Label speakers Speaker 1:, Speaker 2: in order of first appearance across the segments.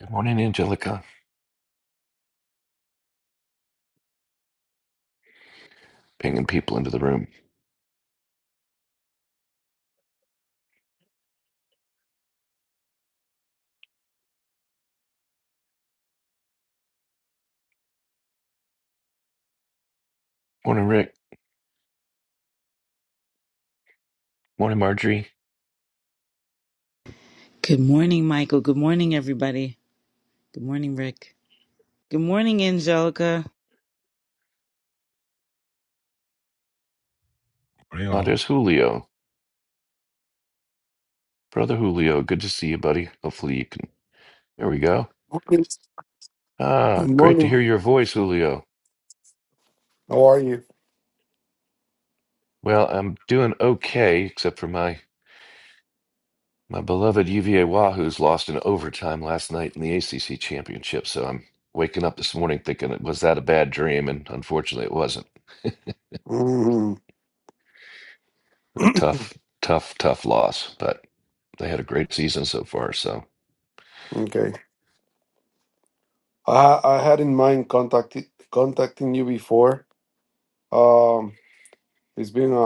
Speaker 1: Good morning, Angelica. Pinging people into the room. Morning, Rick. Morning, Marjorie.
Speaker 2: Good morning, Michael. Good morning, everybody. Good morning, Rick. Good morning, Angelica.
Speaker 3: Morning,
Speaker 1: Oh,
Speaker 3: all.
Speaker 1: there's Julio. Brother Julio, good to see you, buddy. Hopefully you can. There we go.
Speaker 4: Morning.
Speaker 1: Ah, great to
Speaker 4: Morning.
Speaker 1: hear your voice, Julio.
Speaker 4: How are you?
Speaker 1: Well, I'm doing okay, except for my my beloved UVA Wahoos lost in overtime last night in the ACC championship. So I'm waking up this morning thinking, was that a bad dream? And unfortunately, it wasn't.
Speaker 4: Mm.
Speaker 1: A tough, tough, tough loss. But they had a great season so far. So
Speaker 4: okay. I I had in mind contacting contacting you before. Um, it's been a,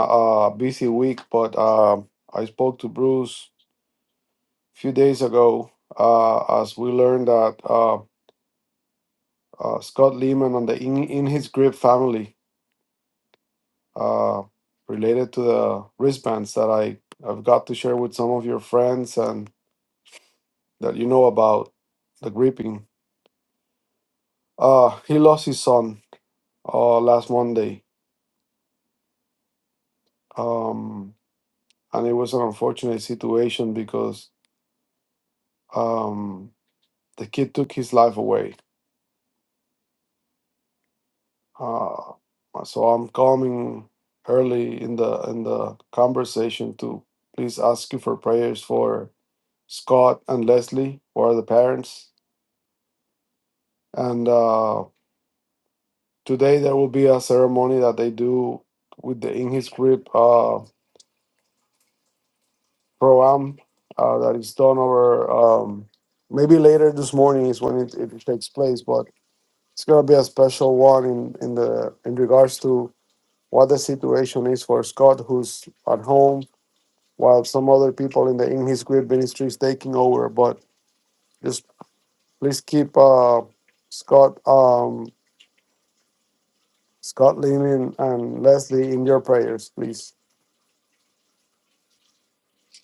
Speaker 4: a busy week, but um, I spoke to Bruce a few days ago. Uh, as we learned that uh, uh, Scott Lehman and the in, in his grip family, uh, related to the wristbands that I I've got to share with some of your friends and that you know about the gripping. Uh, he lost his son uh, last Monday, um, and it was an unfortunate situation because um, the kid took his life away. Uh, so I'm coming early in the in the conversation to please ask you for prayers for Scott and Leslie, who are the parents. And uh, today there will be a ceremony that they do with the in his grip. pro-am uh, that is done over um, maybe later this morning is when it, it takes place but it's going to be a special one in, in the in regards to what the situation is for scott who's at home while some other people in the in his grid ministry is taking over but just please keep uh, scott um, scott leaning and leslie in your prayers please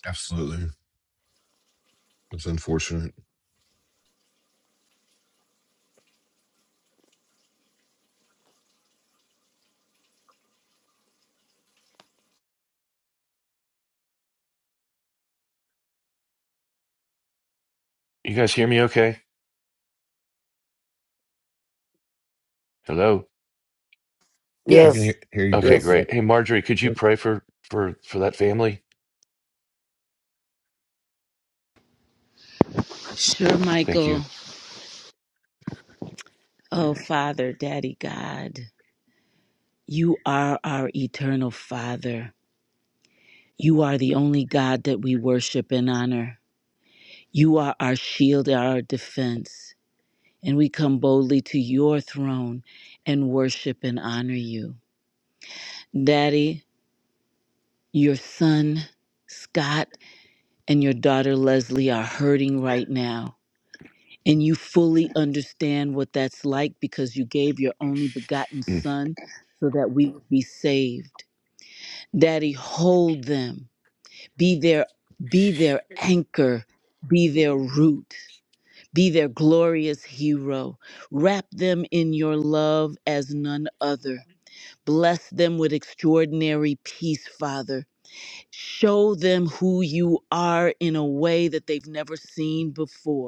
Speaker 3: Absolutely. It's unfortunate.
Speaker 1: you guys hear me okay? Hello.
Speaker 3: You can
Speaker 4: yes
Speaker 3: hear,
Speaker 5: Yes.
Speaker 3: hear you
Speaker 1: Okay,
Speaker 3: great.
Speaker 4: yes
Speaker 3: Yep.
Speaker 1: great. Hey, Marjorie, could you
Speaker 3: Yep.
Speaker 1: pray for for for that family?
Speaker 2: Sure,
Speaker 1: Thank
Speaker 2: Michael.
Speaker 1: you.
Speaker 2: Oh, Father, Daddy God, you are our eternal Father. You are the only God that we worship and honor. You are our shield, our defense. And we come boldly to your throne and worship and honor you. Daddy, your son, Scott, and your daughter, Leslie, are hurting right now and you fully understand what that's like because you gave your only begotten
Speaker 1: Mm.
Speaker 2: son so that we would be saved daddy hold them be their be their anchor be their root be their glorious hero wrap them in your love as none other bless them with extraordinary peace father show them who you are in a way that they've never seen before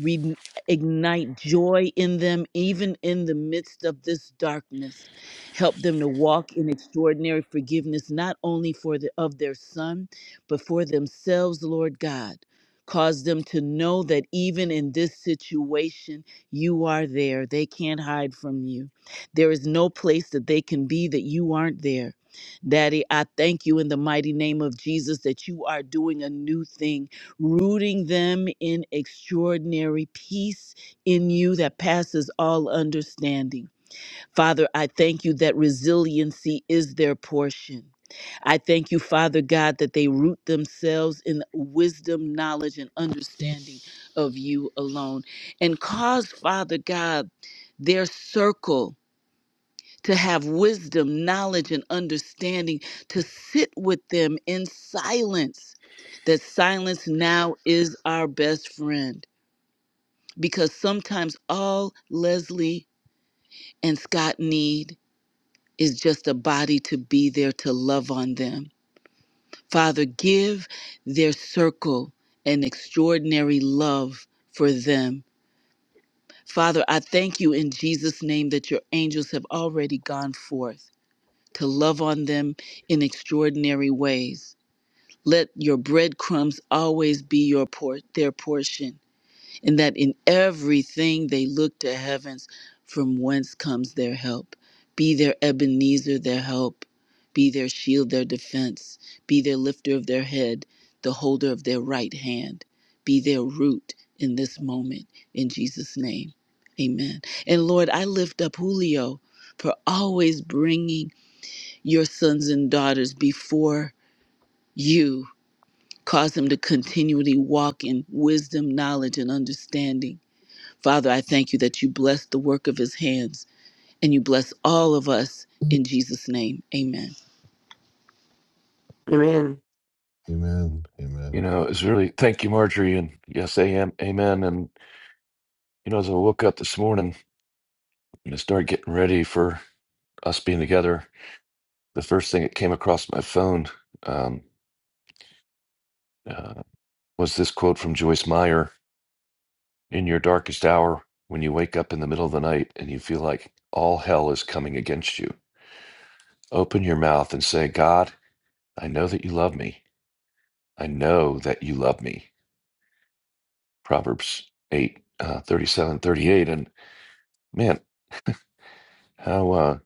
Speaker 2: re- ignite joy in them, even in the midst of this darkness. Help them to walk in extraordinary forgiveness, not only for the, of their son, but for themselves, Lord God. Cause them to know that even in this situation, you are there. They can't hide from you. There is no place that they can be that you aren't there. Daddy, I thank you in the mighty name of Jesus that you are doing a new thing rooting them in extraordinary peace in you that passes all understanding. Father, I thank you that resiliency is their portion. I thank you, Father God, that they root themselves in wisdom, knowledge, and understanding of you alone. And cause, Father God, their circle to have wisdom, knowledge, and understanding, to sit with them in silence. That silence now is our best friend. Because sometimes all Leslie and Scott need is just a body to be there to love on them. Father, give their circle an extraordinary love for them. Father, I thank you in Jesus' name that your angels have already gone forth to love on them in extraordinary ways. Let your breadcrumbs always be your por- their portion, and that in everything they look to heavens, from whence comes their help. Be their Ebenezer, their help. Be their shield, their defense. Be their lifter of their head, the holder of their right hand. Be their root in this moment. In Jesus' name, amen. And Lord, I lift up Julio for always bringing your sons and daughters before you. Cause them to continually walk in wisdom, knowledge, and understanding. Father, I thank you that you bless the work of his hands and you bless all of us in Jesus' name. Amen.
Speaker 5: Amen.
Speaker 3: Amen.
Speaker 1: You
Speaker 3: Amen.
Speaker 1: know, it's really thank you, Marjorie, and yes, I am, amen. And you know, as I woke up this morning and I started getting ready for us being together, the first thing that came across my phone um, uh, was this quote from Joyce Meyer: "In your darkest hour, when you wake up in the middle of the night and you feel like all hell is coming against you, open your mouth and say, God, I know that you love me. I know that you love me." Proverbs 8, uh, 37, thirty-eight. And man, how uh,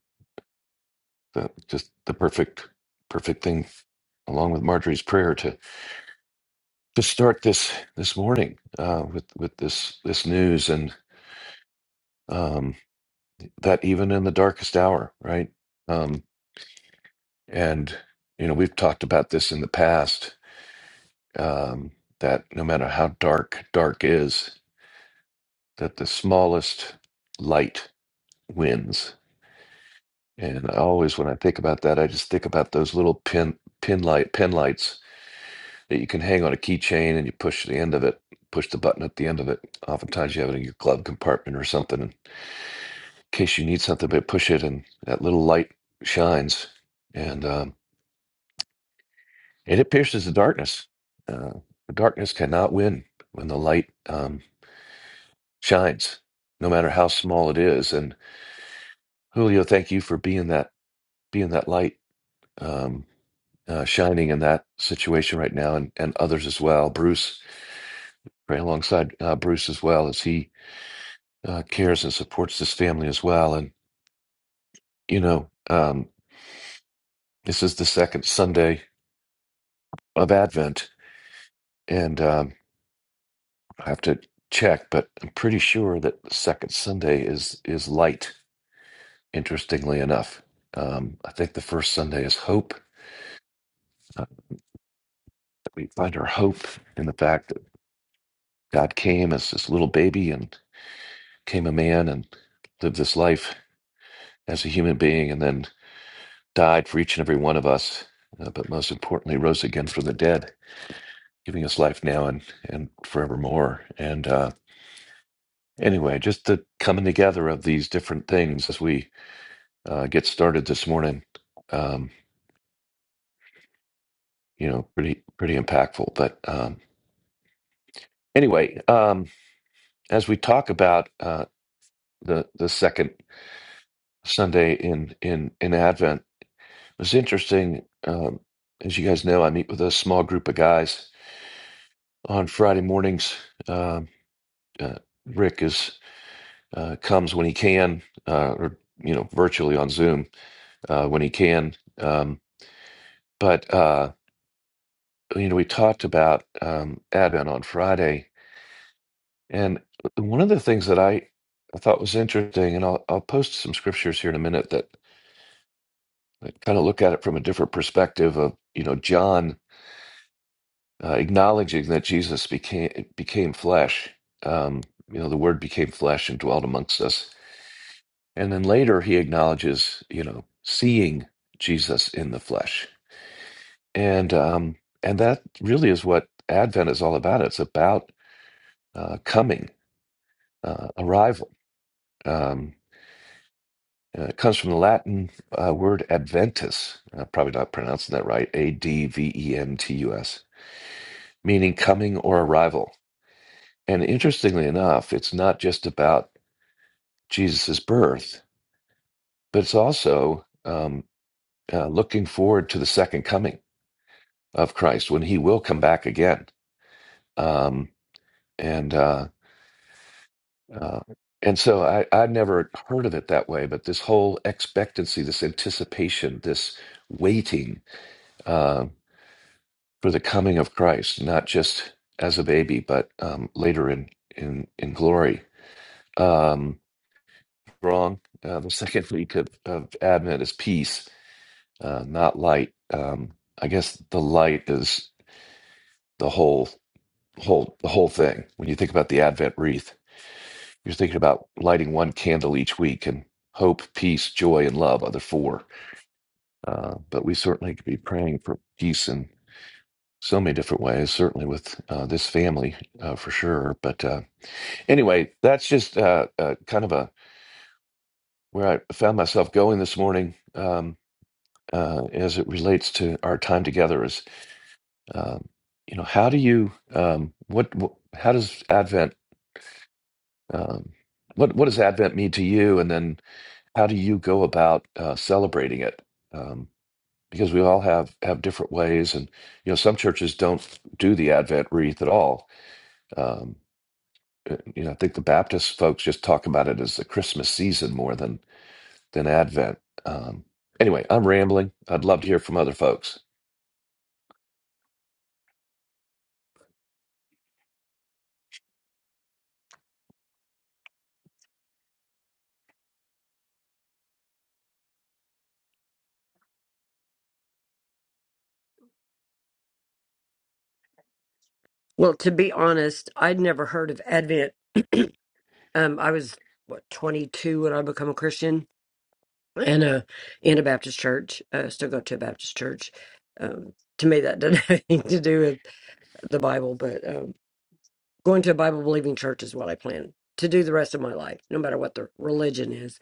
Speaker 1: the, just the perfect, perfect thing along with Marjorie's prayer to, to start this, this morning uh, with, with this, this news and um, that even in the darkest hour, right? Um, and, you know, we've talked about this in the past um, that no matter how dark, dark is, that the smallest light wins And I always, when I think about that, I just think about those little pin pin light pin lights that you can hang on a keychain, and you push the end of it, push the button at the end of it. Oftentimes, you have it in your glove compartment or something in case you need something. But push it, and that little light shines, and um, and it pierces the darkness. Uh, the darkness cannot win when the light um, shines, no matter how small it is. And Julio, thank you for being that being that light. Um, uh, shining in that situation right now, and, and others as well. Bruce, right alongside uh, Bruce as well, as he uh, cares and supports this family as well. And you know, um, this is the second Sunday of Advent, and um, I have to check, but I'm pretty sure that the second Sunday is is light. Interestingly enough, um, I think the first Sunday is hope. Uh, that we find our hope in the fact that God came as this little baby and came a man and lived this life as a human being and then died for each and every one of us, uh, but most importantly, rose again from the dead, giving us life now and, and forevermore. And uh, anyway, just the coming together of these different things as we uh, get started this morning, um, you know, pretty, pretty impactful. But um, anyway, um, as we talk about uh, the, the second Sunday in, in, in Advent, it was interesting. Um, as you guys know, I meet with a small group of guys on Friday mornings. Um uh, Rick is uh, comes when he can, uh, or you know, virtually on Zoom uh, when he can. Um, but uh, you know, we talked about um, Advent on Friday, and one of the things that I I thought was interesting, and I'll I'll post some scriptures here in a minute that, that kind of look at it from a different perspective of you know John uh, acknowledging that Jesus became became flesh. Um, you know, the Word became flesh and dwelt amongst us And then later he acknowledges, you know, seeing Jesus in the flesh. And um, and that really is what Advent is all about. It's about uh, coming, uh, arrival. Um, uh, it comes from the Latin uh, word adventus, uh, probably not pronouncing that right, A D V E N T U S, meaning coming or arrival. And interestingly enough, it's not just about Jesus's birth, but it's also um, uh, looking forward to the second coming of Christ when He will come back again. Um, and uh, uh, and so I I never heard of it that way, but this whole expectancy, this anticipation, this waiting uh, for the coming of Christ, not just as a baby, but um, later in in in glory. Um, wrong. Uh, the second week of, of Advent is peace, uh, not light. Um, I guess the light is the whole whole the whole thing. When you think about the Advent wreath, You're thinking about lighting one candle each week and hope, peace, joy, and love are the four. Uh, but we certainly could be praying for peace in so many different ways, certainly with uh, this family uh, for sure. But uh, anyway, that's just uh, uh, kind of a where I found myself going this morning um, uh, as it relates to our time together is, um, you know, how do you, um, what, what, how does Advent, um, what, what does Advent mean to you? And then how do you go about uh, celebrating it? Um, because we all have have different ways, and you know some churches don't do the Advent wreath at all. Um, uh, you know, I think the Baptist folks just talk about it as the Christmas season more than than Advent. Um, anyway, I'm rambling. I'd love to hear from other folks.
Speaker 5: Well, to be honest, I'd never heard of Advent. Um, I was what 22 when I become a Christian, and uh, in a Baptist church. Uh, still go to a Baptist church. Um, to me, that doesn't have anything to do with the Bible, but um, going to a Bible believing church is what I plan to do the rest of my life, no matter what the religion is.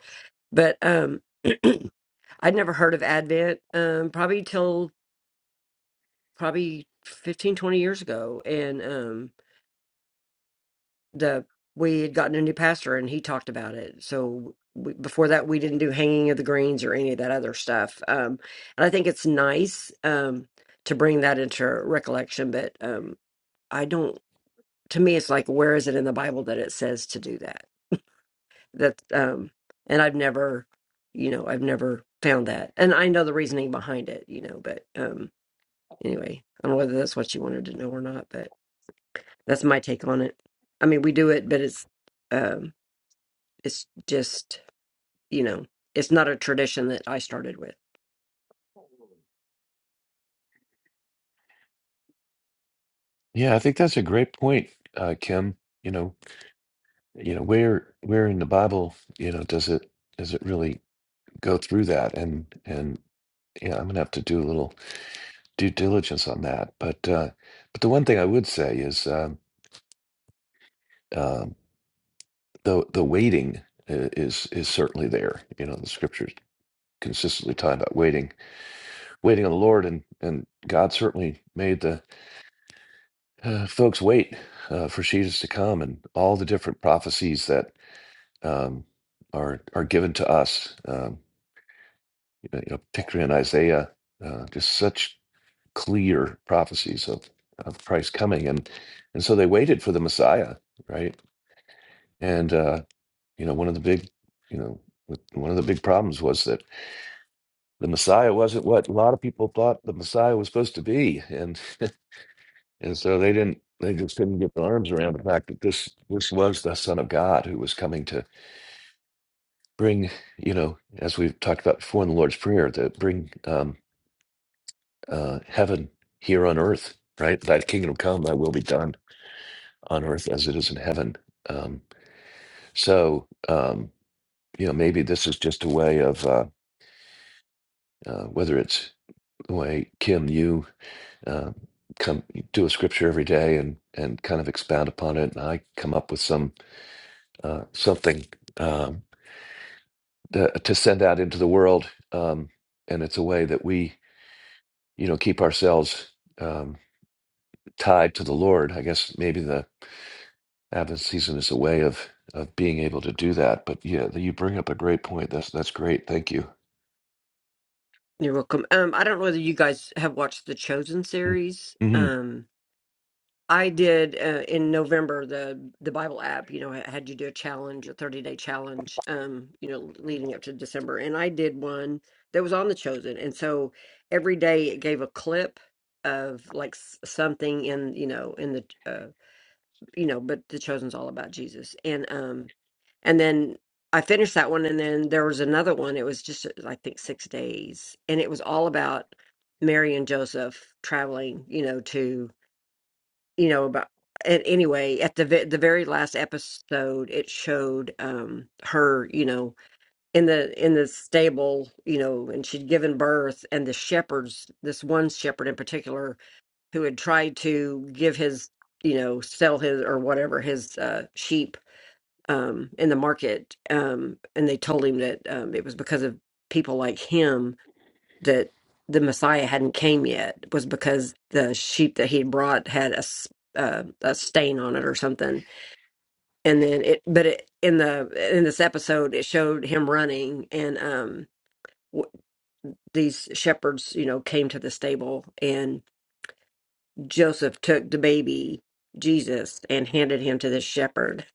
Speaker 5: But um, I'd never heard of Advent. Um, probably till probably 15, 20 years ago, and um. the we had gotten a new pastor and he talked about it. So we, before that, we didn't do hanging of the greens or any of that other stuff. Um, and I think it's nice um, to bring that into recollection, but um, I don't. To me, it's like where is it in the Bible that it says to do that? That um, and I've never, you know, I've never found that, and I know the reasoning behind it, you know. But um, anyway, I don't know whether that's what you wanted to know or not, but that's my take on it. I mean, we do it, but it's. Um, It's just, you know, it's not a tradition that I started with.
Speaker 1: Yeah, I think that's a great point, uh, Kim. You know, you know, where where in the Bible, you know, does it does it really go through that and and yeah, I'm gonna have to do a little due diligence on that. But uh, but the one thing I would say is um, um, the the waiting i- is is certainly there. You know, the scriptures consistently talk about waiting, waiting on the Lord, and and God certainly made the uh, folks wait uh, for Jesus to come, and all the different prophecies that um, are are given to us. Um, you know, particularly in Isaiah, uh, just such clear prophecies of, of Christ coming. And and so they waited for the Messiah, right? And uh, you know, one of the big, you know, one of the big problems was that the Messiah wasn't what a lot of people thought the Messiah was supposed to be. And and so they didn't they just didn't get their arms around the fact that this this was the Son of God who was coming to bring, you know, as we've talked about before in the Lord's Prayer, to bring um, uh, heaven here on earth, right? Thy kingdom come, thy will be done on earth as it is in heaven. Um, so, um, you know, maybe this is just a way of uh, uh, whether it's the way Kim, you uh, come do a scripture every day and and kind of expound upon it, and I come up with some uh, something um, to, to send out into the world, um, and it's a way that we, you know, keep ourselves um, tied to the Lord. I guess maybe the Advent season is a way of of being able to do that. But yeah, you bring up a great point. That's that's great. Thank you.
Speaker 5: You're welcome. Um, I don't know whether you guys have watched the Chosen series.
Speaker 1: Mm-hmm.
Speaker 5: Um, I did uh, in November the the Bible app. You know, had you do a challenge, a thirty day challenge. Um, you know, leading up to December, and I did one that was on the Chosen, and so every day it gave a clip of like s- something in you know in the uh, you know, but The Chosen's all about Jesus. And um and then I finished that one and then there was another one. It was just uh, I think 6 days and it was all about Mary and Joseph traveling, you know, to you know about and anyway, at the ve- the very last episode, it showed um her, you know, in the in the stable, you know, and she'd given birth, and the shepherds, this one shepherd in particular, who had tried to give his you know sell his or whatever his uh, sheep um, in the market um, and they told him that um, it was because of people like him that the messiah hadn't came yet was because the sheep that he had brought had a, s- uh, a stain on it or something and then it but it, in the in this episode it showed him running and um w- these shepherds you know came to the stable and. Joseph took the baby Jesus and handed him to the shepherd.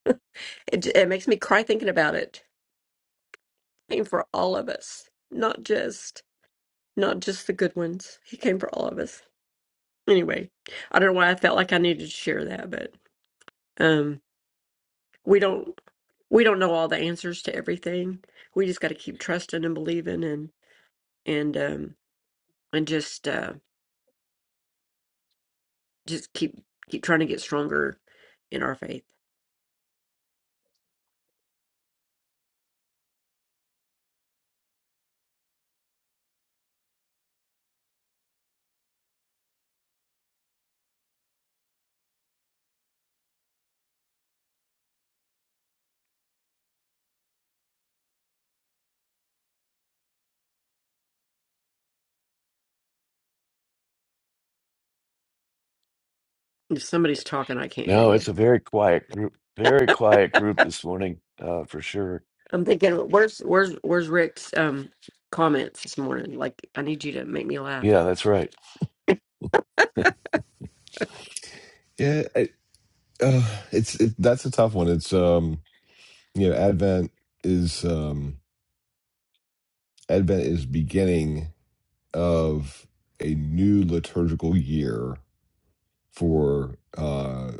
Speaker 5: It, it makes me cry thinking about it. He came for all of us, not just not just the good ones. He came for all of us. Anyway, I don't know why I felt like I needed to share that, but um, we don't we don't know all the answers to everything. We just got to keep trusting and believing and and um and just uh just keep keep trying to get stronger in our faith. If somebody's talking, I can't hear
Speaker 1: No,
Speaker 5: you.
Speaker 1: it's a very quiet group. Very quiet group this morning, uh, for sure.
Speaker 5: I'm thinking, where's where's where's Rick's um comments this morning? Like, I need you to make me laugh.
Speaker 1: Yeah, that's right.
Speaker 3: Yeah. I, uh, it's it, that's a tough one. It's um you know Advent is um Advent is beginning of a new liturgical year for uh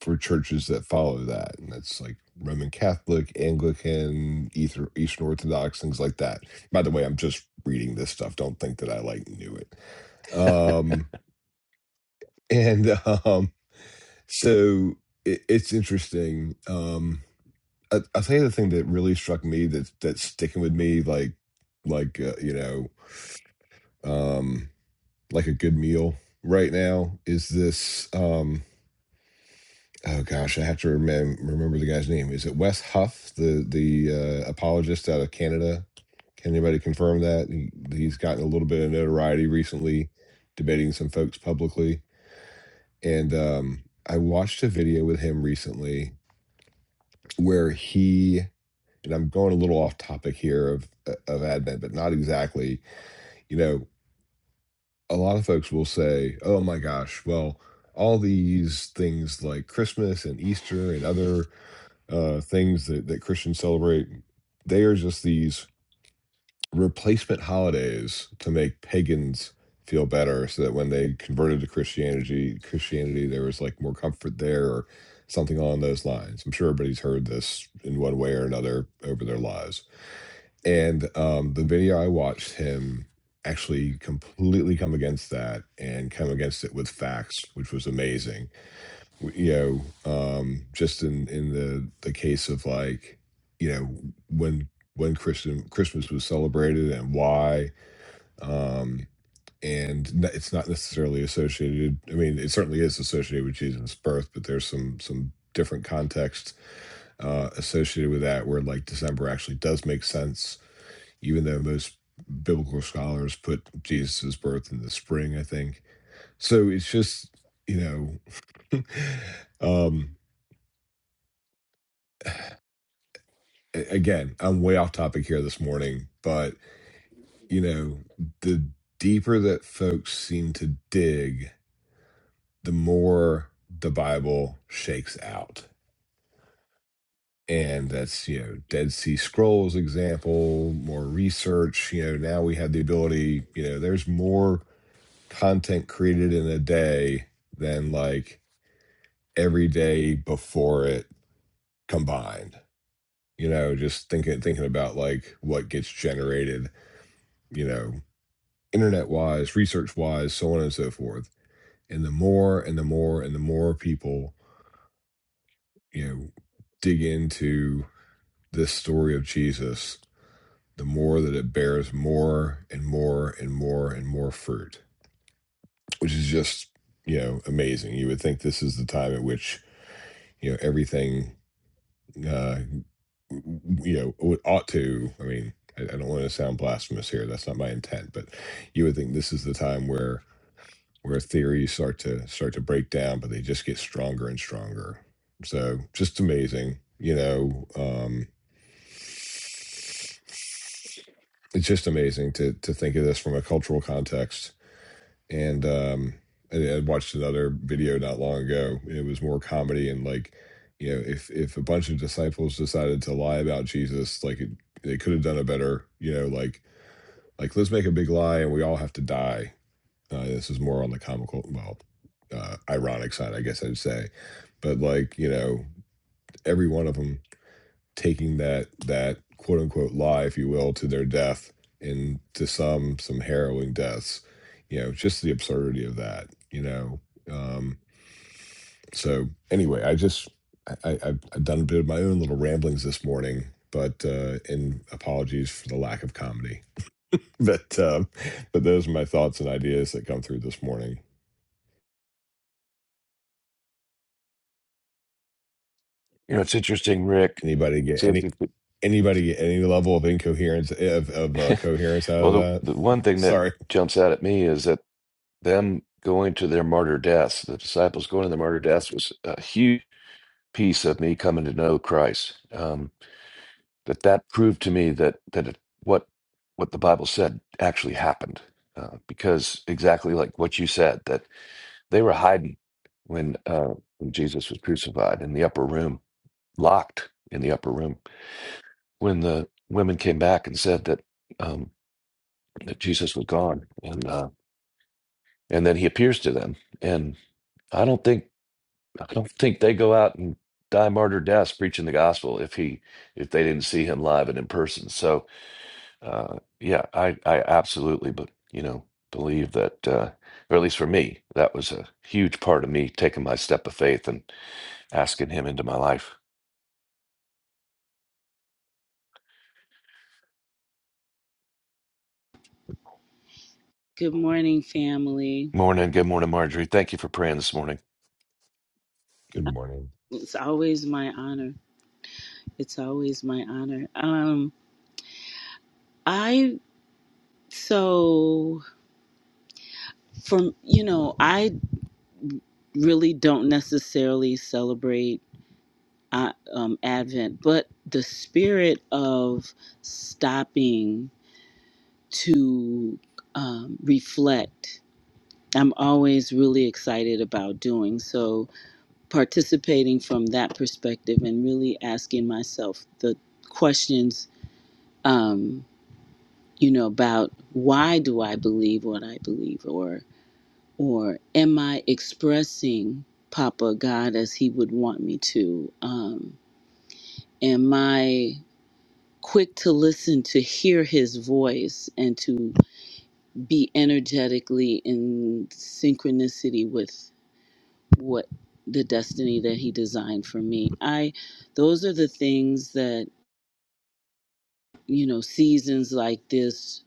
Speaker 3: for churches that follow that, and that's like Roman Catholic, Anglican, Ether, Eastern Orthodox, things like that. By the way, I'm just reading this stuff. Don't think that I like knew it. Um, And um, so it, it's interesting. Um, I, I think the thing that really struck me that that's sticking with me, like like uh, you know, um, like a good meal right now, is this. Um, oh gosh, I have to remem- remember the guy's name. Is it Wes Huff, the the uh, apologist out of Canada? Can anybody confirm that he, he's gotten a little bit of notoriety recently, debating some folks publicly, and um, I watched a video with him recently where he and I'm going a little off topic here of uh, of Advent, but not exactly. You know, a lot of folks will say, "Oh my gosh, well, all these things like Christmas and Easter and other uh, things that, that Christians celebrate, they are just these replacement holidays to make pagans feel better, so that when they converted to Christianity, Christianity, there was like more comfort there." Or, Something along those lines. I'm sure everybody's heard this in one way or another over their lives. And um, the video I watched him actually completely come against that and come against it with facts, which was amazing. W- You know, um, just in in the the case of like, you know, when when Christian Christmas was celebrated and why, um, and n- it's not necessarily associated. I mean, it certainly is associated with Jesus' birth, but there's some some different context uh, associated with that where like December actually does make sense even though most biblical scholars put Jesus' birth in the spring, I think. So it's just, you know, um, a- again, I'm way off topic here this morning, but, you know, the deeper that folks seem to dig, the more the Bible shakes out. And that's, you know, Dead Sea Scrolls example, more research. You know, now we have the ability, you know, there's more content created in a day than like every day before it combined. You know, just thinking thinking about like what gets generated, you know, internet wise, research wise, so on and so forth. And the more and the more and the more people, you know, dig into this story of Jesus, the more that it bears more and more and more and more fruit, which is just, you know, amazing. You would think this is the time at which you know everything uh, you know, would- ought to. I mean, I, I don't want to sound blasphemous here. That's not my intent. But you would think this is the time where where theories start to start to break down, but they just get stronger and stronger. So just amazing, you know. Um, it's just amazing to to think of this from a cultural context and um I, I watched another video not long ago. It was more comedy and like you know if if a bunch of disciples decided to lie about Jesus, like it, they could have done it better. You know, like like let's make a big lie and we all have to die. Uh, this is more on the comical, well, uh, ironic side, I guess I'd say. But like you know, every one of them taking that that quote unquote lie, if you will, to their death and to some some harrowing deaths. You know, just the absurdity of that. You know, um, so anyway, I just I, I, I've I've done a bit of my own little ramblings this morning, but uh, and apologies for the lack of comedy. But um, but those are my thoughts and ideas that come through this morning.
Speaker 1: You know, it's interesting, Rick.
Speaker 3: Anybody get
Speaker 1: So if
Speaker 3: any
Speaker 1: you
Speaker 3: anybody get any level of incoherence of, of uh,
Speaker 1: could-
Speaker 3: coherence out
Speaker 1: well,
Speaker 3: of that?
Speaker 1: the, the one thing that
Speaker 3: Sorry.
Speaker 1: jumps out at me is that them going to their martyr deaths, the disciples going to their martyr deaths, was a huge piece of me coming to know Christ. Um, that that proved to me that that it, what what the Bible said actually happened, uh, because exactly like what you said, that they were hiding when uh, when Jesus was crucified in the upper room, locked in the upper room. When the women came back and said that um, that Jesus was gone, and uh, and then he appears to them, and I don't think I don't think they go out and die martyr deaths preaching the gospel if he if they didn't see him live and in person. So Uh, yeah, I, I absolutely, but you know, believe that, uh, or at least for me, that was a huge part of me taking my step of faith and asking Him into my life.
Speaker 2: Good morning, family.
Speaker 1: Morning, good morning, Marjorie. Thank you for praying this morning.
Speaker 3: Good morning.
Speaker 2: It's always my honor. It's always my honor. Um, I, so, from, you know, I really don't necessarily celebrate uh, um, Advent, but the spirit of stopping to um, reflect. I'm always really excited about doing so, participating from that perspective and really asking myself the questions, um, you know, about why do I believe what I believe, or or am I expressing Papa God as He would want me to? Um, am I quick to listen, to hear his voice, and to be energetically in synchronicity with what the destiny that he designed for me. I, those are the things that, you know, seasons like this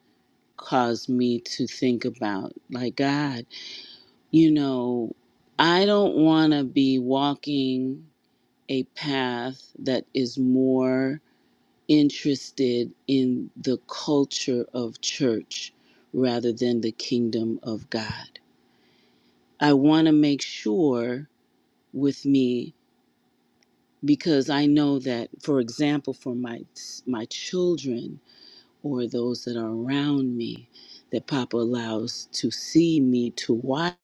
Speaker 2: cause me to think about. Like, God, you know, I don't want to be walking a path that is more interested in the culture of church rather than the kingdom of God. I want to make sure with me because I know that for example for my my children or those that are around me that papa allows to see me to watch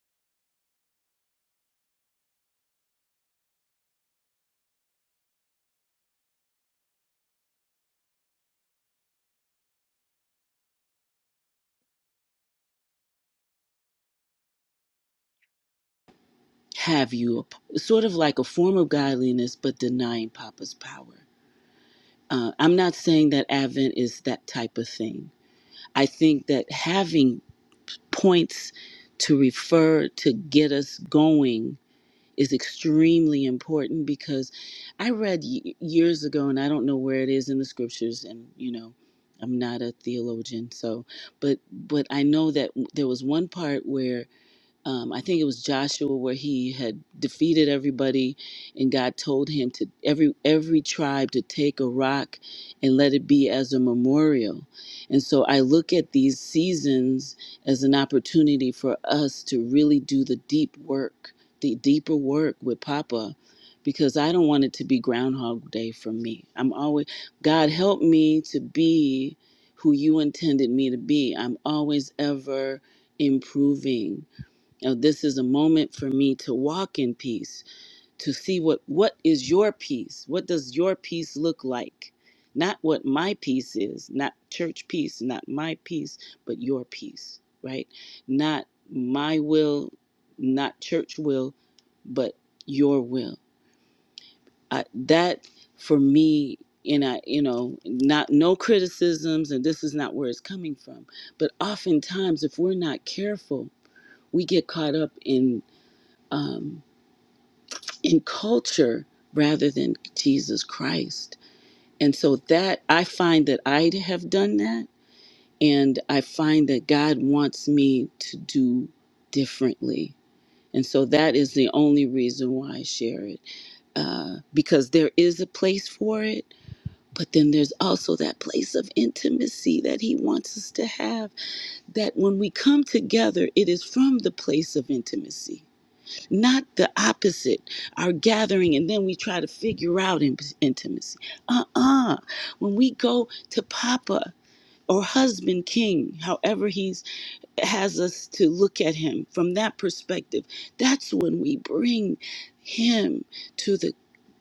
Speaker 2: have you a, sort of like a form of godliness but denying papa's power. Uh, I'm not saying that Advent is that type of thing. I think that having points to refer to get us going is extremely important because I read y- years ago, and I don't know where it is in the scriptures, and you know, I'm not a theologian, so but but I know that there was one part where um, I think it was Joshua where he had defeated everybody, and God told him to every every tribe to take a rock and let it be as a memorial. And so I look at these seasons as an opportunity for us to really do the deep work, the deeper work with Papa, because I don't want it to be Groundhog Day for me. I'm always God help me to be who you intended me to be. I'm always ever improving now, this is a moment for me to walk in peace, to see what what is your peace? What does your peace look like? Not what my peace is, not church peace, not my peace, but your peace, right? Not my will, not church will, but your will. I, that for me, and I, you know, not no criticisms, and this is not where it's coming from. But oftentimes, if we're not careful, we get caught up in um, in culture rather than Jesus Christ. And so that I find that I have done that. And I find that God wants me to do differently. And so that is the only reason why I share it uh, because there is a place for it. But then there's also that place of intimacy that he wants us to have. That when we come together, it is from the place of intimacy not the opposite our gathering and then we try to figure out in- intimacy uh-uh when we go to papa or husband king however he's has us to look at him from that perspective that's when we bring him to the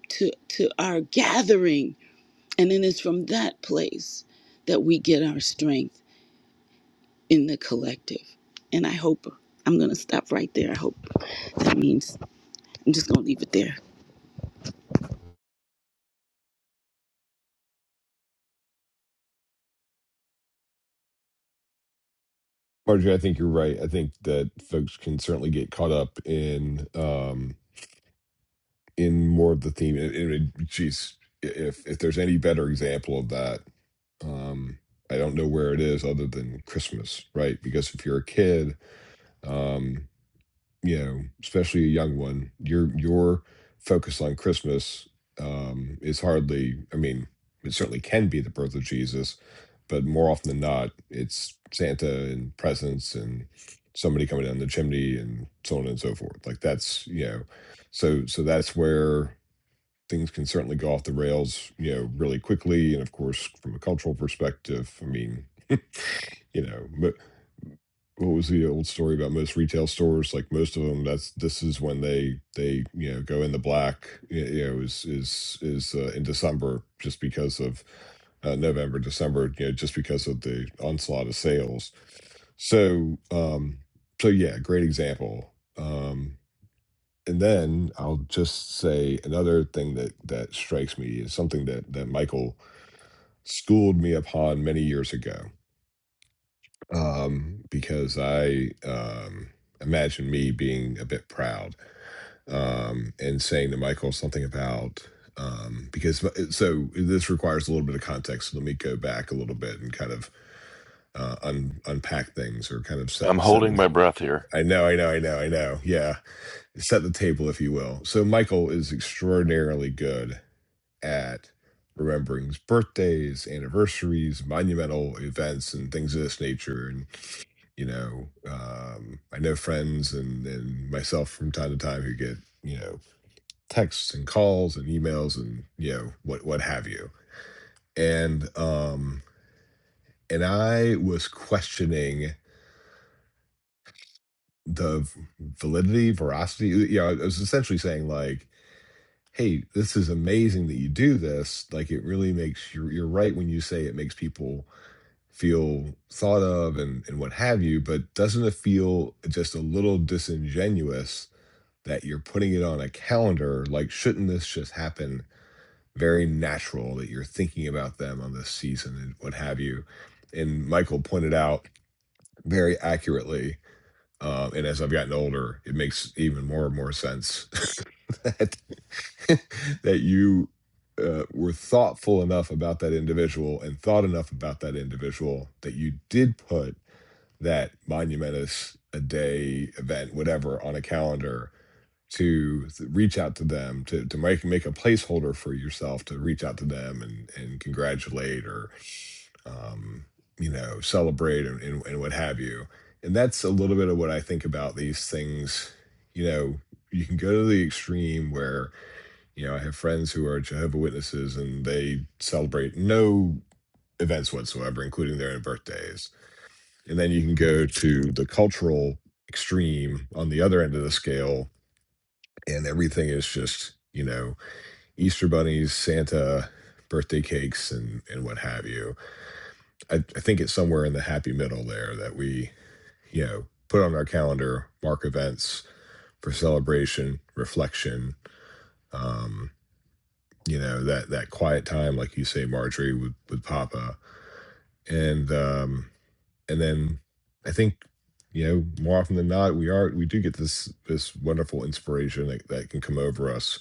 Speaker 2: to to our gathering and then it's from that place that we get our strength in the collective and i hope i'm going to stop right there i hope that means i'm just going to leave it there
Speaker 3: Marjorie, I think you're right. I think that folks can certainly get caught up in um, in more of the theme. And, and it- geez, if if there's any better example of that, um, I don't know where it is other than Christmas, right? Because if you're a kid, um, you know, especially a young one, your your focus on Christmas um, is hardly. I mean, it certainly can be the birth of Jesus, but more often than not, it's Santa and presents and somebody coming down the chimney and so on and so forth. Like that's you know, so so that's where things can certainly go off the rails, you know, really quickly. And of course, from a cultural perspective, I mean, you know, mo- what was the old story about most retail stores? Like most of them, that's this is when they they you know go in the black. y- You know, is is is uh, in December just because of uh, November, December. You know, just because of the onslaught of sales. So um, so yeah, great example. Um, and then I'll just say another thing that that strikes me is something that that Michael schooled me upon many years ago um, because I um, imagine me being a bit proud um, and saying to Michael something about um, because uh, so this requires a little bit of context. So let me go back a little bit and kind of uh, un, unpack things or kind of
Speaker 1: I'm
Speaker 3: set set
Speaker 1: holding
Speaker 3: the.
Speaker 1: my breath here.
Speaker 3: I know, I know, I know, I know. Yeah, set the table, if you will. So Michael is extraordinarily good at remembering birthdays, anniversaries, monumental events, and things of this nature. You know, um, I know friends and, and myself from time to time who get, you know, texts and calls and emails and, you know, what, what have you. And, um, and I was questioning the v- validity, veracity. You know, I was essentially saying like, "Hey, this is amazing that you do this. Like, it really makes you. You're right when you say it makes people feel thought of and and what have you. But doesn't it feel just a little disingenuous that you're putting it on a calendar, like, shouldn't this just happen very natural that you're thinking about them on this season and what have you? And Michael pointed out very accurately, um, and as I've gotten older, it makes even more and more sense that that you uh, were thoughtful enough about that individual and thought enough about that individual that you did put that monumentous a day event, whatever, on a calendar to s- reach out to them to to make make a placeholder for yourself to reach out to them and and congratulate or um you know celebrate and, and, and what have you and that's a little bit of what i think about these things you know you can go to the extreme where you know i have friends who are jehovah witnesses and they celebrate no events whatsoever including their own birthdays and then you can go to the cultural extreme on the other end of the scale and everything is just you know Easter bunnies, Santa, birthday cakes, and and what have you. I, I think it's somewhere in the happy middle there that we you know put on our calendar, mark events for celebration, reflection. Um, you know that that quiet time, like you say, Marjorie, with with Papa, and um, and then I think you know more often than not we are we do get this this wonderful inspiration that, that can come over us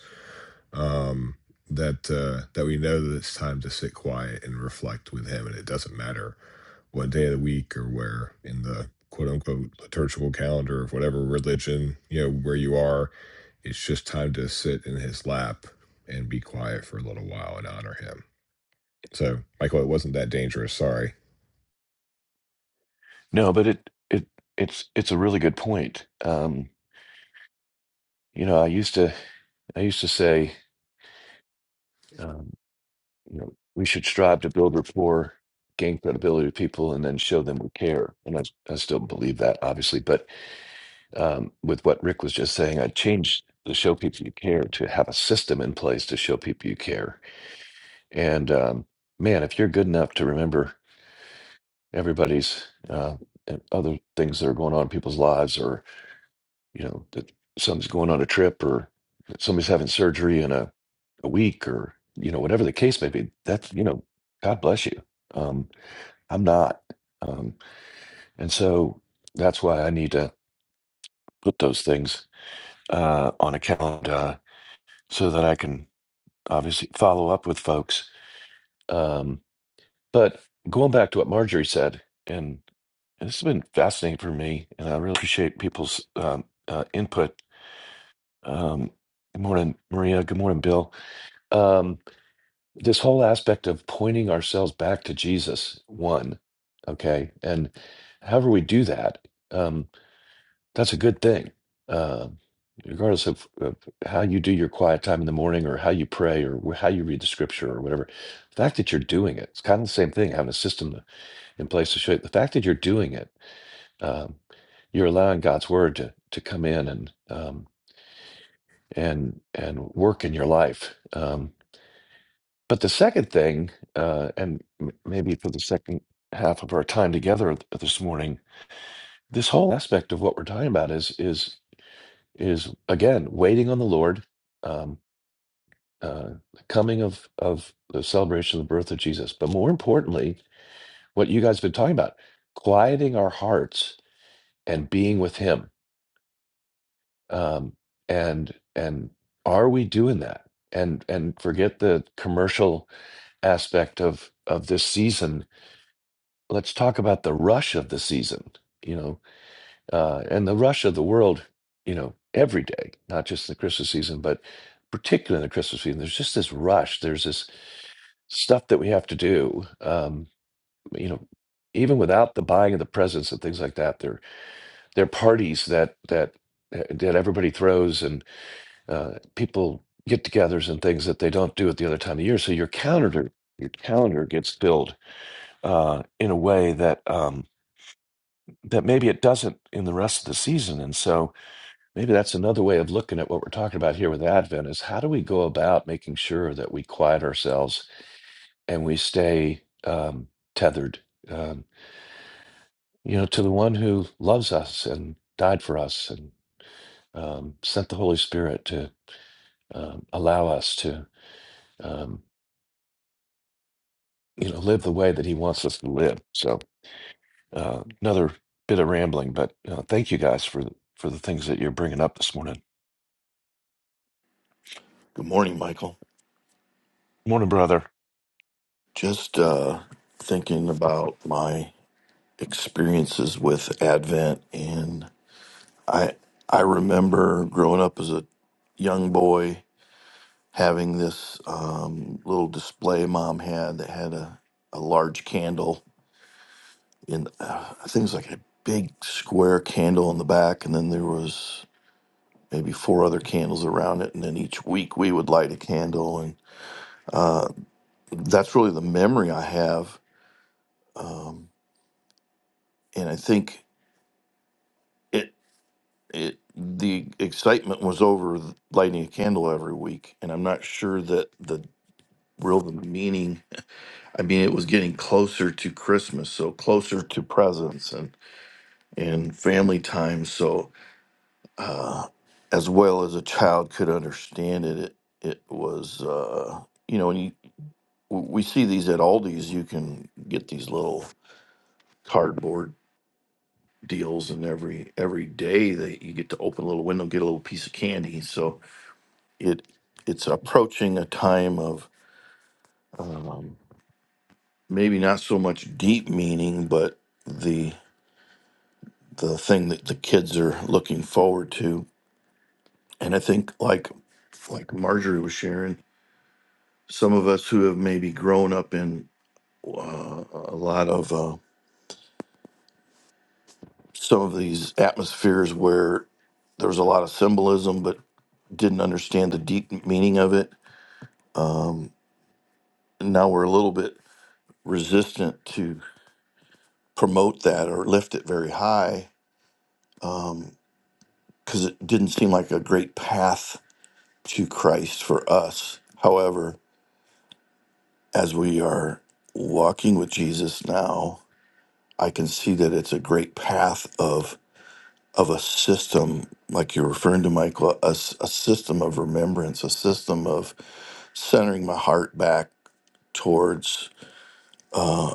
Speaker 3: um, that uh, that we know that it's time to sit quiet and reflect with Him, and it doesn't matter what day of the week or where in the quote unquote liturgical calendar of whatever religion you know where you are. It's just time to sit in His lap and be quiet for a little while and honor Him. So, Michael, it wasn't that dangerous. Sorry.
Speaker 1: No, but it it it's it's a really good point. Um, you know, I used to I used to say, um, you know, we should strive to build rapport, gain credibility with people, and then show them we care. And I I still believe that, obviously, but um, with what Rick was just saying, I changed the show people you care to have a system in place to show people you care. And um, man, if you're good enough to remember everybody's uh, and other things that are going on in people's lives, or you know that somebody's going on a trip, or that somebody's having surgery in a, a week, or you know whatever the case may be, that's you know God bless you. Um, I'm not, um, and so that's why I need to put those things uh, on a calendar so that I can obviously follow up with folks. Um, but going back to what Marjorie said, and this has been fascinating for me, and I really appreciate people's um, uh, input. Um, good morning, Maria. Good morning, Bill. Um, this whole aspect of pointing ourselves back to Jesus, one, okay, and however we do that. Um, That's a good thing. Um, regardless of, of how you do your quiet time in the morning or how you pray or wh- how you read the scripture or whatever, the fact that you're doing it, it's kind of the same thing, having a system in place to show you. The fact that you're doing it, um, you're allowing God's word to, to come in and, um, and, and work in your life. Um, but the second thing, uh, and m- maybe for the second half of our time together th- this morning, this whole aspect of what we're talking about is, is is again waiting on the Lord, um, uh, the coming of of the celebration of the birth of Jesus. But more importantly, what you guys have been talking about, quieting our hearts and being with Him. Um, and and are we doing that? And and forget the commercial aspect of of this season. Let's talk about the rush of the season. You know, uh, and the rush of the world, you know, every day, not just in the Christmas season, but particularly in the Christmas season, there's just this rush. There's this stuff that we have to do. Um, you know, even without the buying of the presents and things like that, there there are parties that that uh, that everybody throws and uh, people get-togethers and things that they don't do at the other time of year. So your calendar your calendar gets filled uh, in a way that um, that maybe it doesn't in the rest of the season, and so Maybe that's another way of looking at what we're talking about here with Advent is how do we go about making sure that we quiet ourselves and we stay um, tethered, um, you know, to the one who loves us and died for us and um, sent the Holy Spirit to um, allow us to, um, you know, live the way that He wants us to live. So uh, another bit of rambling, but uh, thank you guys for for the things that you're bringing up this morning.
Speaker 6: Good morning, Michael.
Speaker 1: Morning, brother.
Speaker 6: Just uh, thinking about my experiences with Advent, and I I remember growing up as a young boy having this um, little display mom had that had a, a large candle in uh, I think it was like a big square candle in the back, and then there was maybe four other candles around it, and then each week we would light a candle, and that's really the memory I have, and I think. It, it the excitement was over th- lighting a candle every week and i'm not sure that the real the meaning i mean it was getting closer to christmas so closer to presents and and family time so as well as a child could understand it it, it was uh you know and you, w- we see these at aldi's you can get these little cardboard deals and every every day that you get to open a little window get a little piece of candy so it it's approaching a time of um, maybe not so much deep meaning, but the the thing that the kids are looking forward to. And I think like like Marjorie was sharing, some of us who have maybe grown up in uh, a lot of uh, some of these atmospheres where there was a lot of symbolism, but didn't understand the deep meaning of it. And now we're a little bit resistant to promote that or lift it very high because it didn't seem like a great path to Christ for us. However, as we are walking with Jesus now, I can see that it's a great path of of a system, like you're referring to, Michael, a, s- a system of remembrance, a system of centering my heart back towards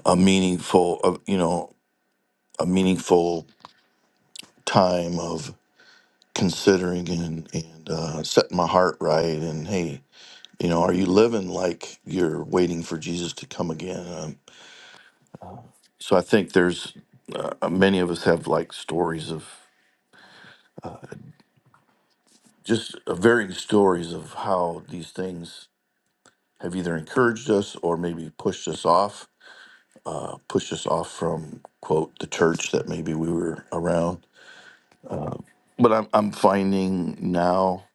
Speaker 6: a meaningful, of you know, a meaningful time of considering and and uh, setting my heart right, and hey, You know, are you living like you're waiting for Jesus to come again? Um, so I think there's uh, many of us have like stories of just uh, varying stories of how these things have either encouraged us or maybe pushed us off, uh, pushed us off from quote the church that maybe we were around. But I'm I'm finding now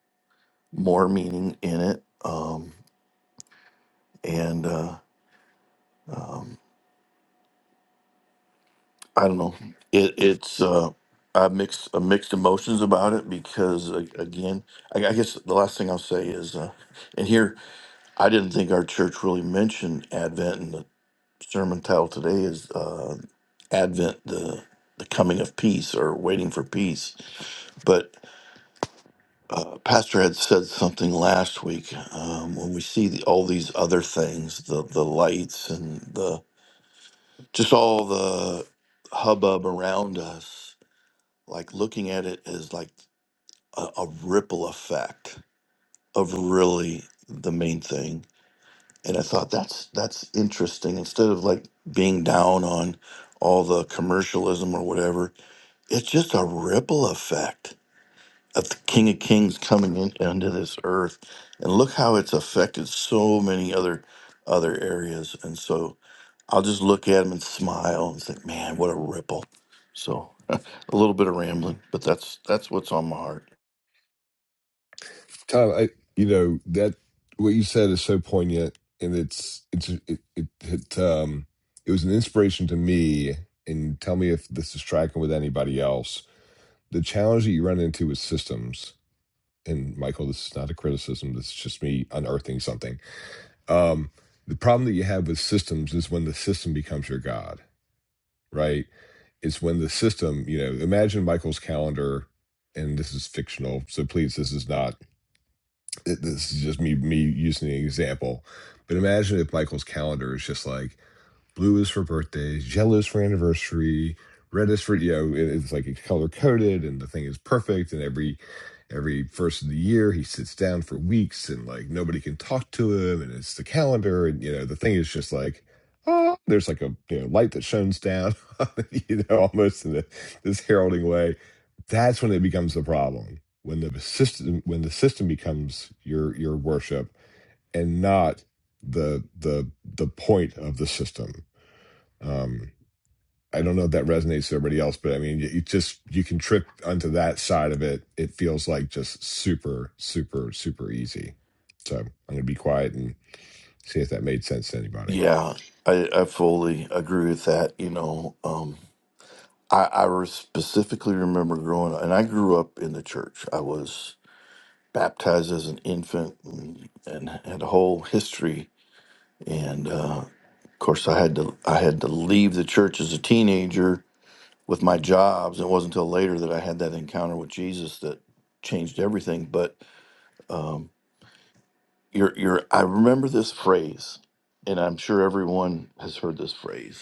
Speaker 6: more meaning in it, um, and. Uh, I don't know. It, it's uh, I mix uh, mixed emotions about it because uh, again, I, I guess the last thing I'll say is, uh, and here I didn't think our church really mentioned Advent, and the sermon title today is uh, Advent, the the coming of peace or waiting for peace. But uh, Pastor had said something last week um, when we see the, all these other things, the the lights and the just all the hubbub around us like looking at it as like a, a ripple effect of really the main thing and i thought that's that's interesting instead of like being down on all the commercialism or whatever it's just a ripple effect of the king of kings coming in, into this earth and look how it's affected so many other other areas and so i'll just look at him and smile and think man what a ripple so a little bit of rambling but that's that's what's on my heart
Speaker 3: Tom, I you know that what you said is so poignant, and it's it's it it, it um it was an inspiration to me. And tell me if this is tracking with anybody else. The challenge that you run into with systems, and Michael, this is not a criticism. This is just me unearthing something. Um, the problem that you have with systems is when the system becomes your god, right? It's when the system, you know, imagine Michael's calendar, and this is fictional, so please, this is not it, this is just me me using an example, but imagine if Michael's calendar is just like blue is for birthdays, yellow is for anniversary, red is for you know it- it's like it's color coded and the thing is perfect and every every first of the year he sits down for weeks and like nobody can talk to him and it's the calendar and you know the thing is just like oh there's like a you know light that shines down you know almost in a, this heralding way that's when it becomes the problem. When the system when the system becomes your your worship and not the the the point of the system. Um I don't know if that resonates to everybody else, but I mean, you just you can trip onto that side of it. It feels like just super, super, super easy. So I'm going to be quiet and see if that made sense to anybody.
Speaker 6: Yeah, I, I fully agree with that. You know, um, I, I re- specifically remember growing and I grew up in the church. I was baptized as an infant and, and had a whole history. And uh, of course, I had to I had to leave the church as a teenager with my jobs. It wasn't until later that I had that encounter with Jesus that changed everything. But you're, you're I remember this phrase, and I'm sure everyone has heard this phrase.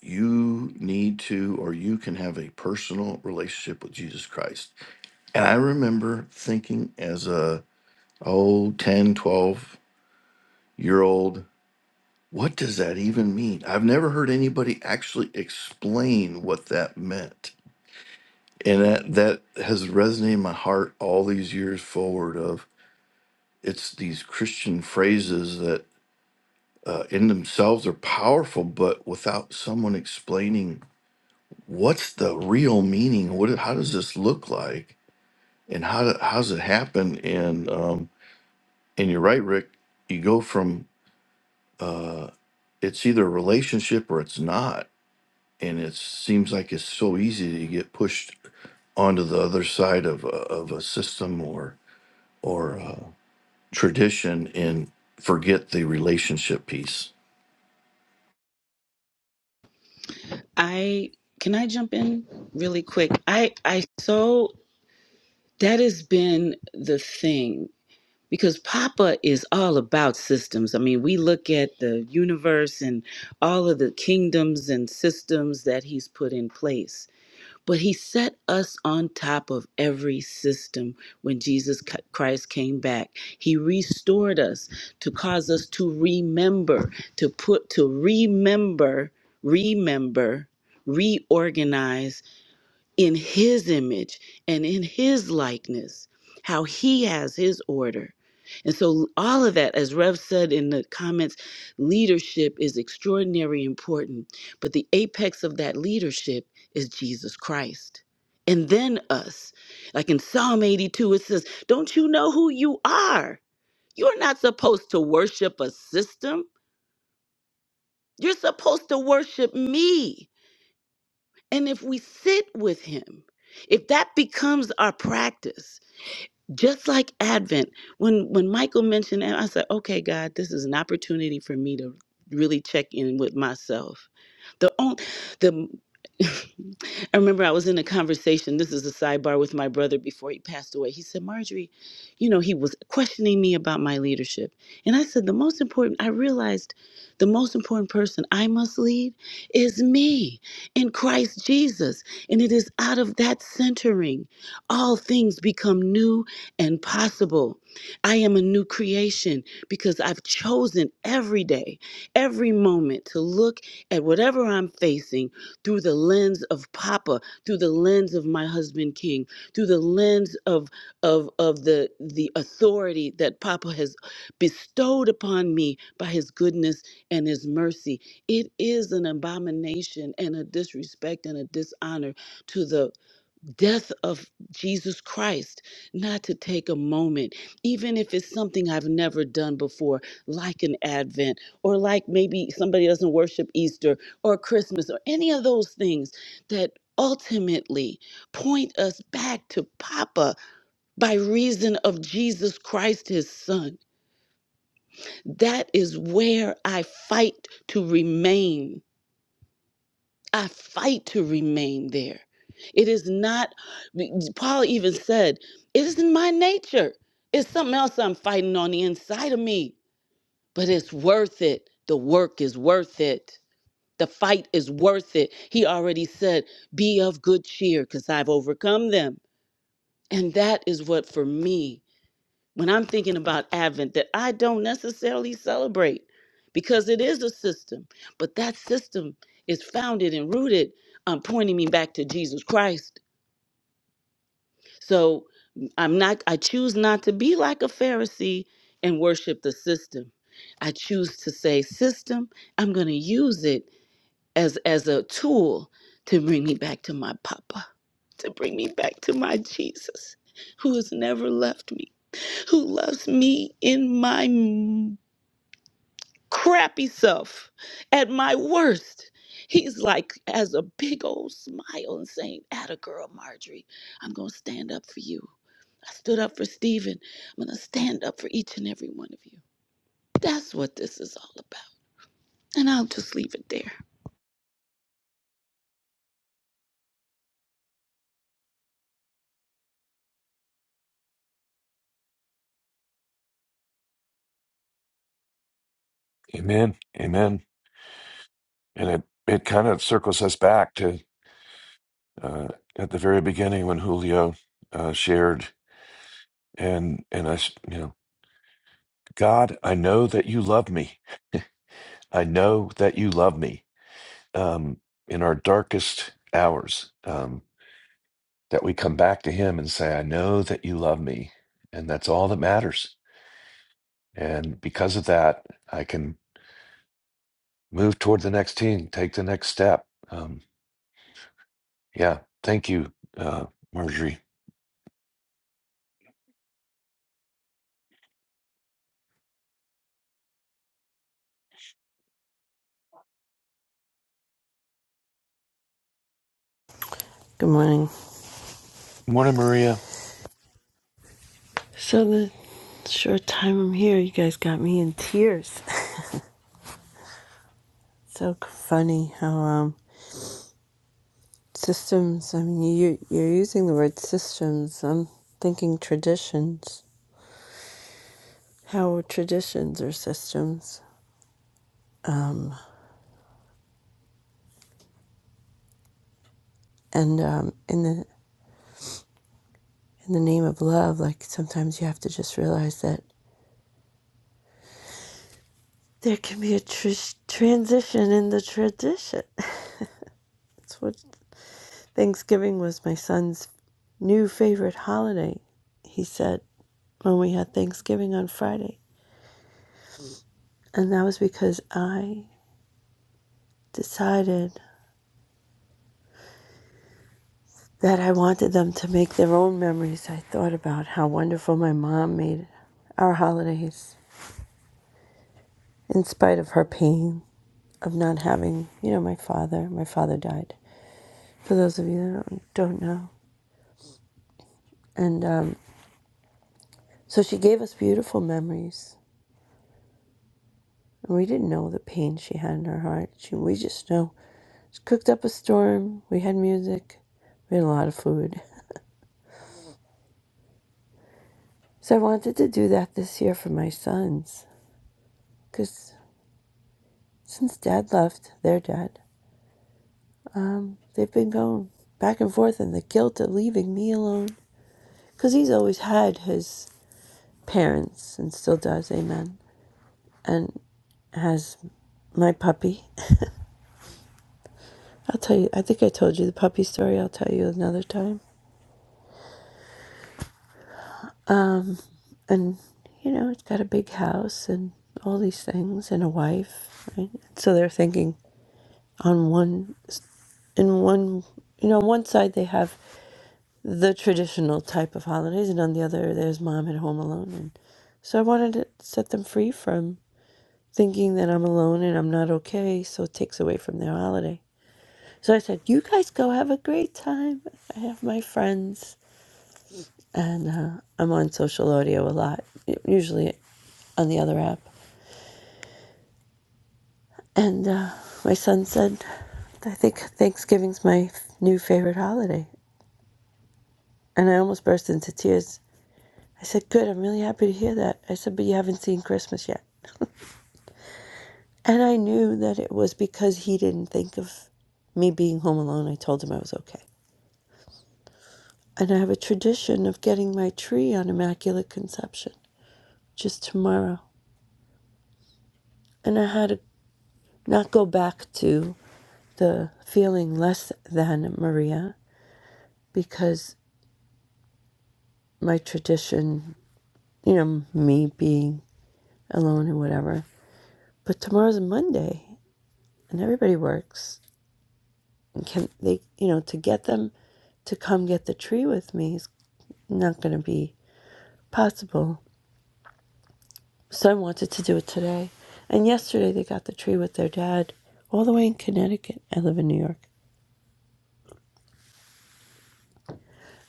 Speaker 6: you need to or you can have a personal relationship with Jesus Christ. And I remember thinking as a old 10, twelve year old, what does that even mean? I've never heard anybody actually explain what that meant. And that, that has resonated in my heart all these years forward of it's these Christian phrases that uh, in themselves are powerful, but without someone explaining what's the real meaning? What? How does this look like? And how do, how does it happen? And um, and you're right, Rick. You go from uh, it's either a relationship or it's not, and it seems like it's so easy to get pushed onto the other side of a, of a system or or a tradition and forget the relationship piece.
Speaker 2: I can I jump in really quick? I I so that has been the thing because Papa is all about systems. I mean, we look at the universe and all of the kingdoms and systems that he's put in place. But he set us on top of every system when Jesus C- Christ came back. He restored us to cause us to remember, to put, to remember, remember, reorganize in his image and in his likeness, how he has his order. And so, all of that, as Rev said in the comments, leadership is extraordinarily important. But the apex of that leadership is Jesus Christ. And then us. Like in Psalm 82, it says, Don't you know who you are? You're not supposed to worship a system, you're supposed to worship me. And if we sit with him, if that becomes our practice, just like Advent, when when Michael mentioned that, I said, "Okay, God, this is an opportunity for me to really check in with myself." The on- the I remember I was in a conversation. This is a sidebar with my brother before he passed away. He said, Marjorie, you know, he was questioning me about my leadership. And I said, the most important, I realized the most important person I must lead is me in Christ Jesus. And it is out of that centering all things become new and possible. I am a new creation because I've chosen every day, every moment to look at whatever I'm facing through the lens of Papa, through the lens of my husband King, through the lens of of of the the authority that Papa has bestowed upon me by his goodness and his mercy. It is an abomination and a disrespect and a dishonor to the death of Jesus Christ, not to take a moment, even if it's something I've never done before, like an Advent, or like maybe somebody doesn't worship Easter or Christmas or any of those things that ultimately point us back to Papa by reason of Jesus Christ, his son. That is where I fight to remain I fight to remain there. It is not, Paul even said, it isn't my nature. It's something else I'm fighting on the inside of me, but it's worth it. The work is worth it. The fight is worth it. He already said, be of good cheer because I've overcome them. And that is what for me when I'm thinking about Advent that I don't necessarily celebrate because it is a system, but that system is founded and rooted, um, pointing me back to Jesus Christ. So mm, I'm not, I choose not to be like a Pharisee and worship the system. I choose to say, system, I'm going to use it as, as a tool to bring me back to my Papa, to bring me back to my Jesus who has never left me who loves me in my m- crappy self, at my worst. He's like, has a big old smile and saying, Atta girl, Marjorie, I'm going to stand up for you. I stood up for Stephen. I'm going to stand up for each and every one of you. That's what this is all about. And I'll just leave it there.
Speaker 1: Amen. Amen. and it it kind of circles us back to uh, at the very beginning when Julio uh, shared, and and I, s- you know, God, I know that you love me. I know that you love me. Um, in our darkest hours, um, that we come back to Him and say, I know that you love me, and that's all that matters. And because of that, I can move toward the next team, take the next step. Um, yeah, thank you, uh, Marjorie.
Speaker 7: Good morning.
Speaker 1: Morning, Maria.
Speaker 7: So the short time I'm here, you guys got me in tears. so funny how um systems. I mean, you you're using the word systems. I'm thinking traditions. How traditions are systems, and um, in the in the name of love, like sometimes you have to just realize that there can be a tr- transition in the tradition. That's what Thanksgiving was my son's new favorite holiday. He said. when we had Thanksgiving on Friday. And that was because I decided that I wanted them to make their own memories. I thought about how wonderful my mom made our holidays in spite of her pain of not having, you know, my father. My father died, for those of you that don't, don't know. And um, so she gave us beautiful memories. And we didn't know the pain she had in her heart. She, we just know she cooked up a storm. We had music. We had a lot of food. So I wanted to do that this year for my sons because since dad left, their dad, um, they've been going back and forth in the guilt of leaving me alone because he's always had his parents and still does, amen, and has my puppy. I'll tell you, I think I told you the puppy story, I'll tell you another time. And, you know, it's got a big house and all these things and a wife, right? So they're thinking on one, in one, you know, on one side they have the traditional type of holidays, and on the other, there's mom at home alone. And so I wanted to set them free from thinking that I'm alone and I'm not okay, so it takes away from their holiday. So I said, You guys go have a great time. I have my friends, and uh, I'm on social audio a lot, usually on the other app. And uh, my son said, I think Thanksgiving's my new favorite holiday. And I almost burst into tears. I said, Good, I'm really happy to hear that. I said, But you haven't seen Christmas yet. And I knew that it was because he didn't think of me being home alone. I told him I was okay. And I have a tradition of getting my tree on Immaculate Conception just tomorrow. And I had to not go back to the feeling less than Maria because my tradition, you know, me being alone and whatever. But tomorrow's Monday and everybody works. And can they, you know, to get them to come get the tree with me is not going to be Possible. Son wanted to do it today. And yesterday they got the tree with their dad, all the way in Connecticut. I live in New York.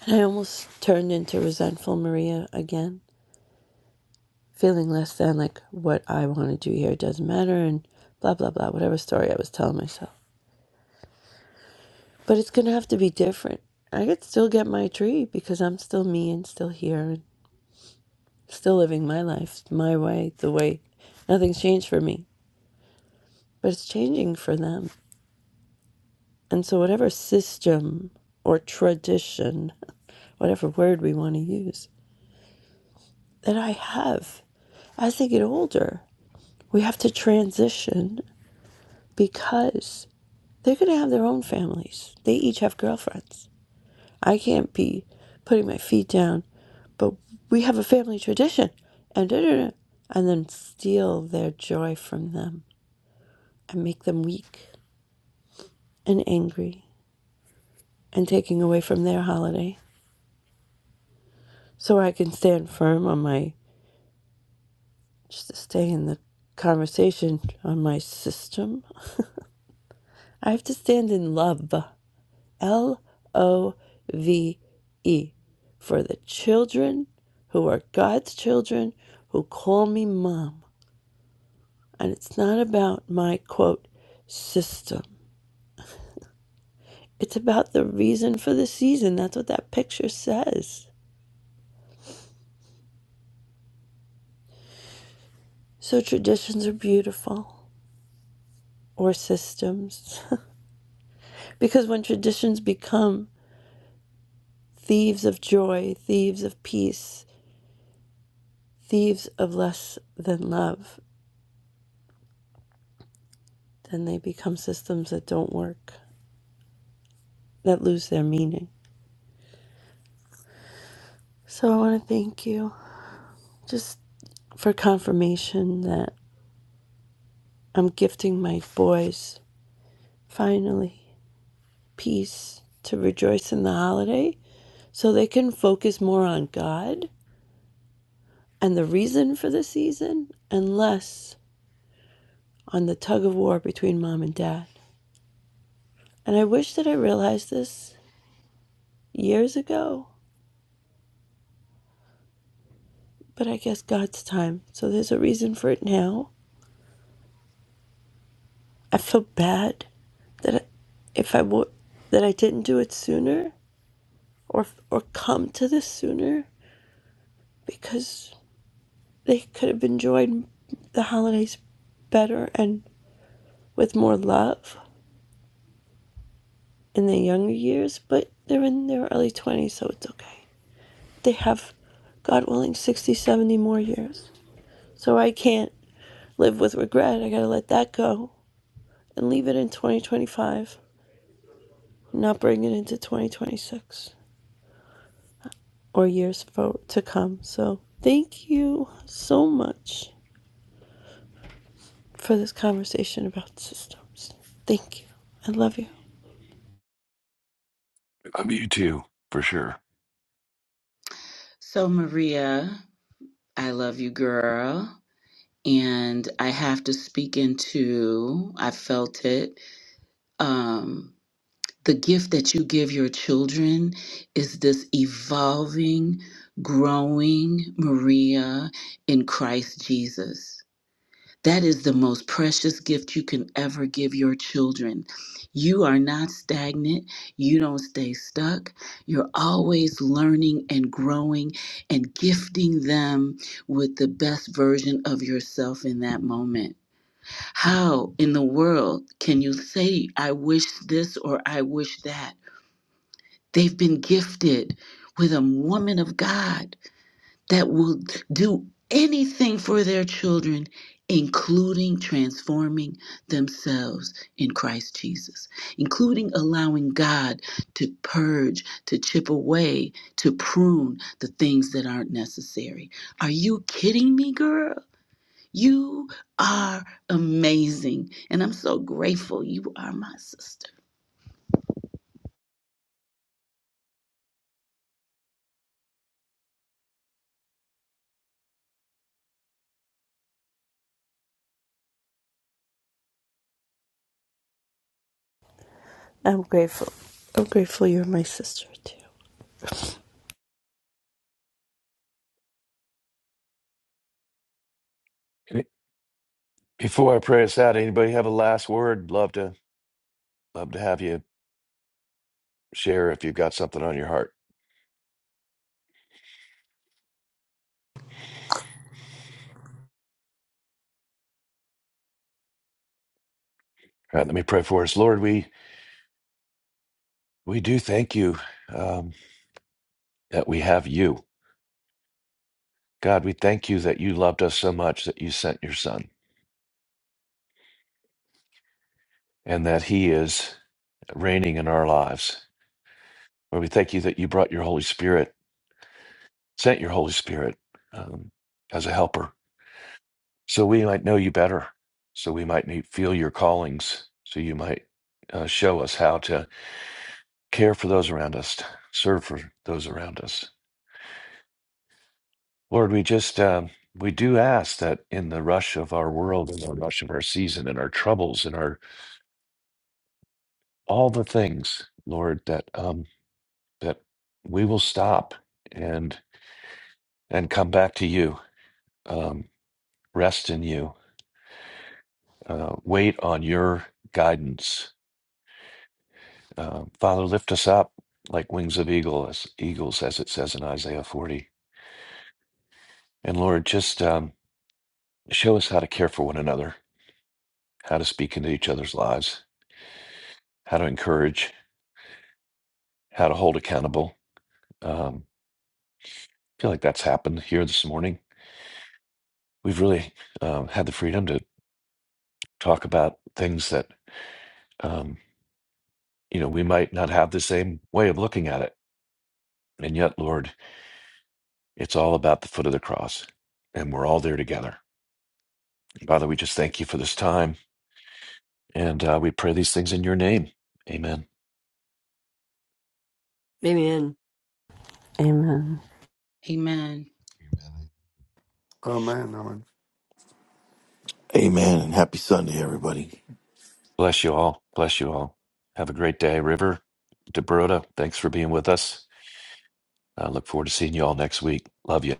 Speaker 7: And I almost turned into resentful Maria again, feeling less than like what I want to do here doesn't matter and blah, blah, blah, whatever story I was telling myself. But it's going to have to be different. I could still get my tree because I'm still me and still here and still living my life my way, the way nothing's changed for me. But it's changing for them. And so, whatever system or tradition, whatever word we want to use, that I have as they get older, we have to transition because they're going to have their own families. They each have girlfriends. I can't be putting my feet down, but we have a family tradition, and da, da, da, and then steal their joy from them and make them weak and angry and taking away from their holiday so I can stand firm on my just to stay in the conversation on my system. I have to stand in love, L O V E, for the children who are God's children who call me mom. And it's not about my quote system, it's about the reason for the season. That's what that picture says. So traditions are beautiful, or systems, because when traditions become thieves of joy, thieves of peace, thieves of less than love, then they become systems that don't work, that lose their meaning. So I want to thank you just for confirmation that I'm gifting my boys finally peace to rejoice in the holiday so they can focus more on God and the reason for the season and less on the tug of war between mom and dad. And I wish that I realized this years ago But I guess God's time. So there's a reason for it now. I feel bad that I- if I would that I didn't do it sooner or or come to this sooner because they could have enjoyed the holidays better and with more love in their younger years, but they're in their early 20s, so it's okay. They have God willing 60, 70 more years. So I can't live with regret. I got to let that go and leave it in 2025. not bring it into 2026 or years for, to come. So, thank you so much for this conversation about systems. Thank you. I love you.
Speaker 1: I'm you too, for sure.
Speaker 2: So, Maria, I love you, girl. And I have to speak into, I felt it. Um. the gift that you give your children is this evolving, growing Maria in Christ Jesus. That is the most precious gift you can ever give your children. You are not stagnant. You don't stay stuck. You're always learning and growing and gifting them with the best version of yourself in that moment. How in the world can you say, I wish this or I wish that? They've been gifted with a woman of God that will do anything for their children, including transforming themselves in Christ Jesus, including allowing God to purge, to chip away, to prune the things that aren't necessary. Are you kidding me, girl? You are amazing. And I'm so grateful you are my sister.
Speaker 7: I'm grateful. I'm grateful you're my sister too.
Speaker 1: Any- Before I pray us out, anybody have a last word? Love to love to have you share if you've got something on your heart. All right, let me pray for us. Lord, we we do thank you um, that we have you. God, we thank you that you loved us so much that you sent your son and that he is reigning in our lives. Lord, we thank you that you brought your Holy Spirit, sent your Holy Spirit um, as a helper so we might know you better. So we might need, feel your callings. So you might uh, show us how to care for those around us, serve for those around us. Lord, we just um, we do ask that in the rush of our world, in the rush of our season, in our troubles, in our all the things, Lord, that um, that we will stop and and come back to you, um, rest in you, uh, wait on your guidance Uh, Father, lift us up like wings of eagle, as eagles, as it says in Isaiah 40. And Lord, just um, show us how to care for one another, how to speak into each other's lives, how to encourage, how to hold accountable. Um, I feel like that's happened here this morning. We've really um, had the freedom to talk about things that, um, you know, we might not have the same way of looking at it. And yet, Lord, it's all about the foot of the cross, and we're all there together. Father, we just thank you for this time. And uh, we pray these things in your name. Amen.
Speaker 5: Maybe
Speaker 7: Amen.
Speaker 2: Amen.
Speaker 4: amen amen
Speaker 6: Amen. And happy Sunday, everybody.
Speaker 1: Bless you all. Bless you all. Have a great day, River. Debrota, thanks for being with us. I look forward to seeing you all next week. Love you.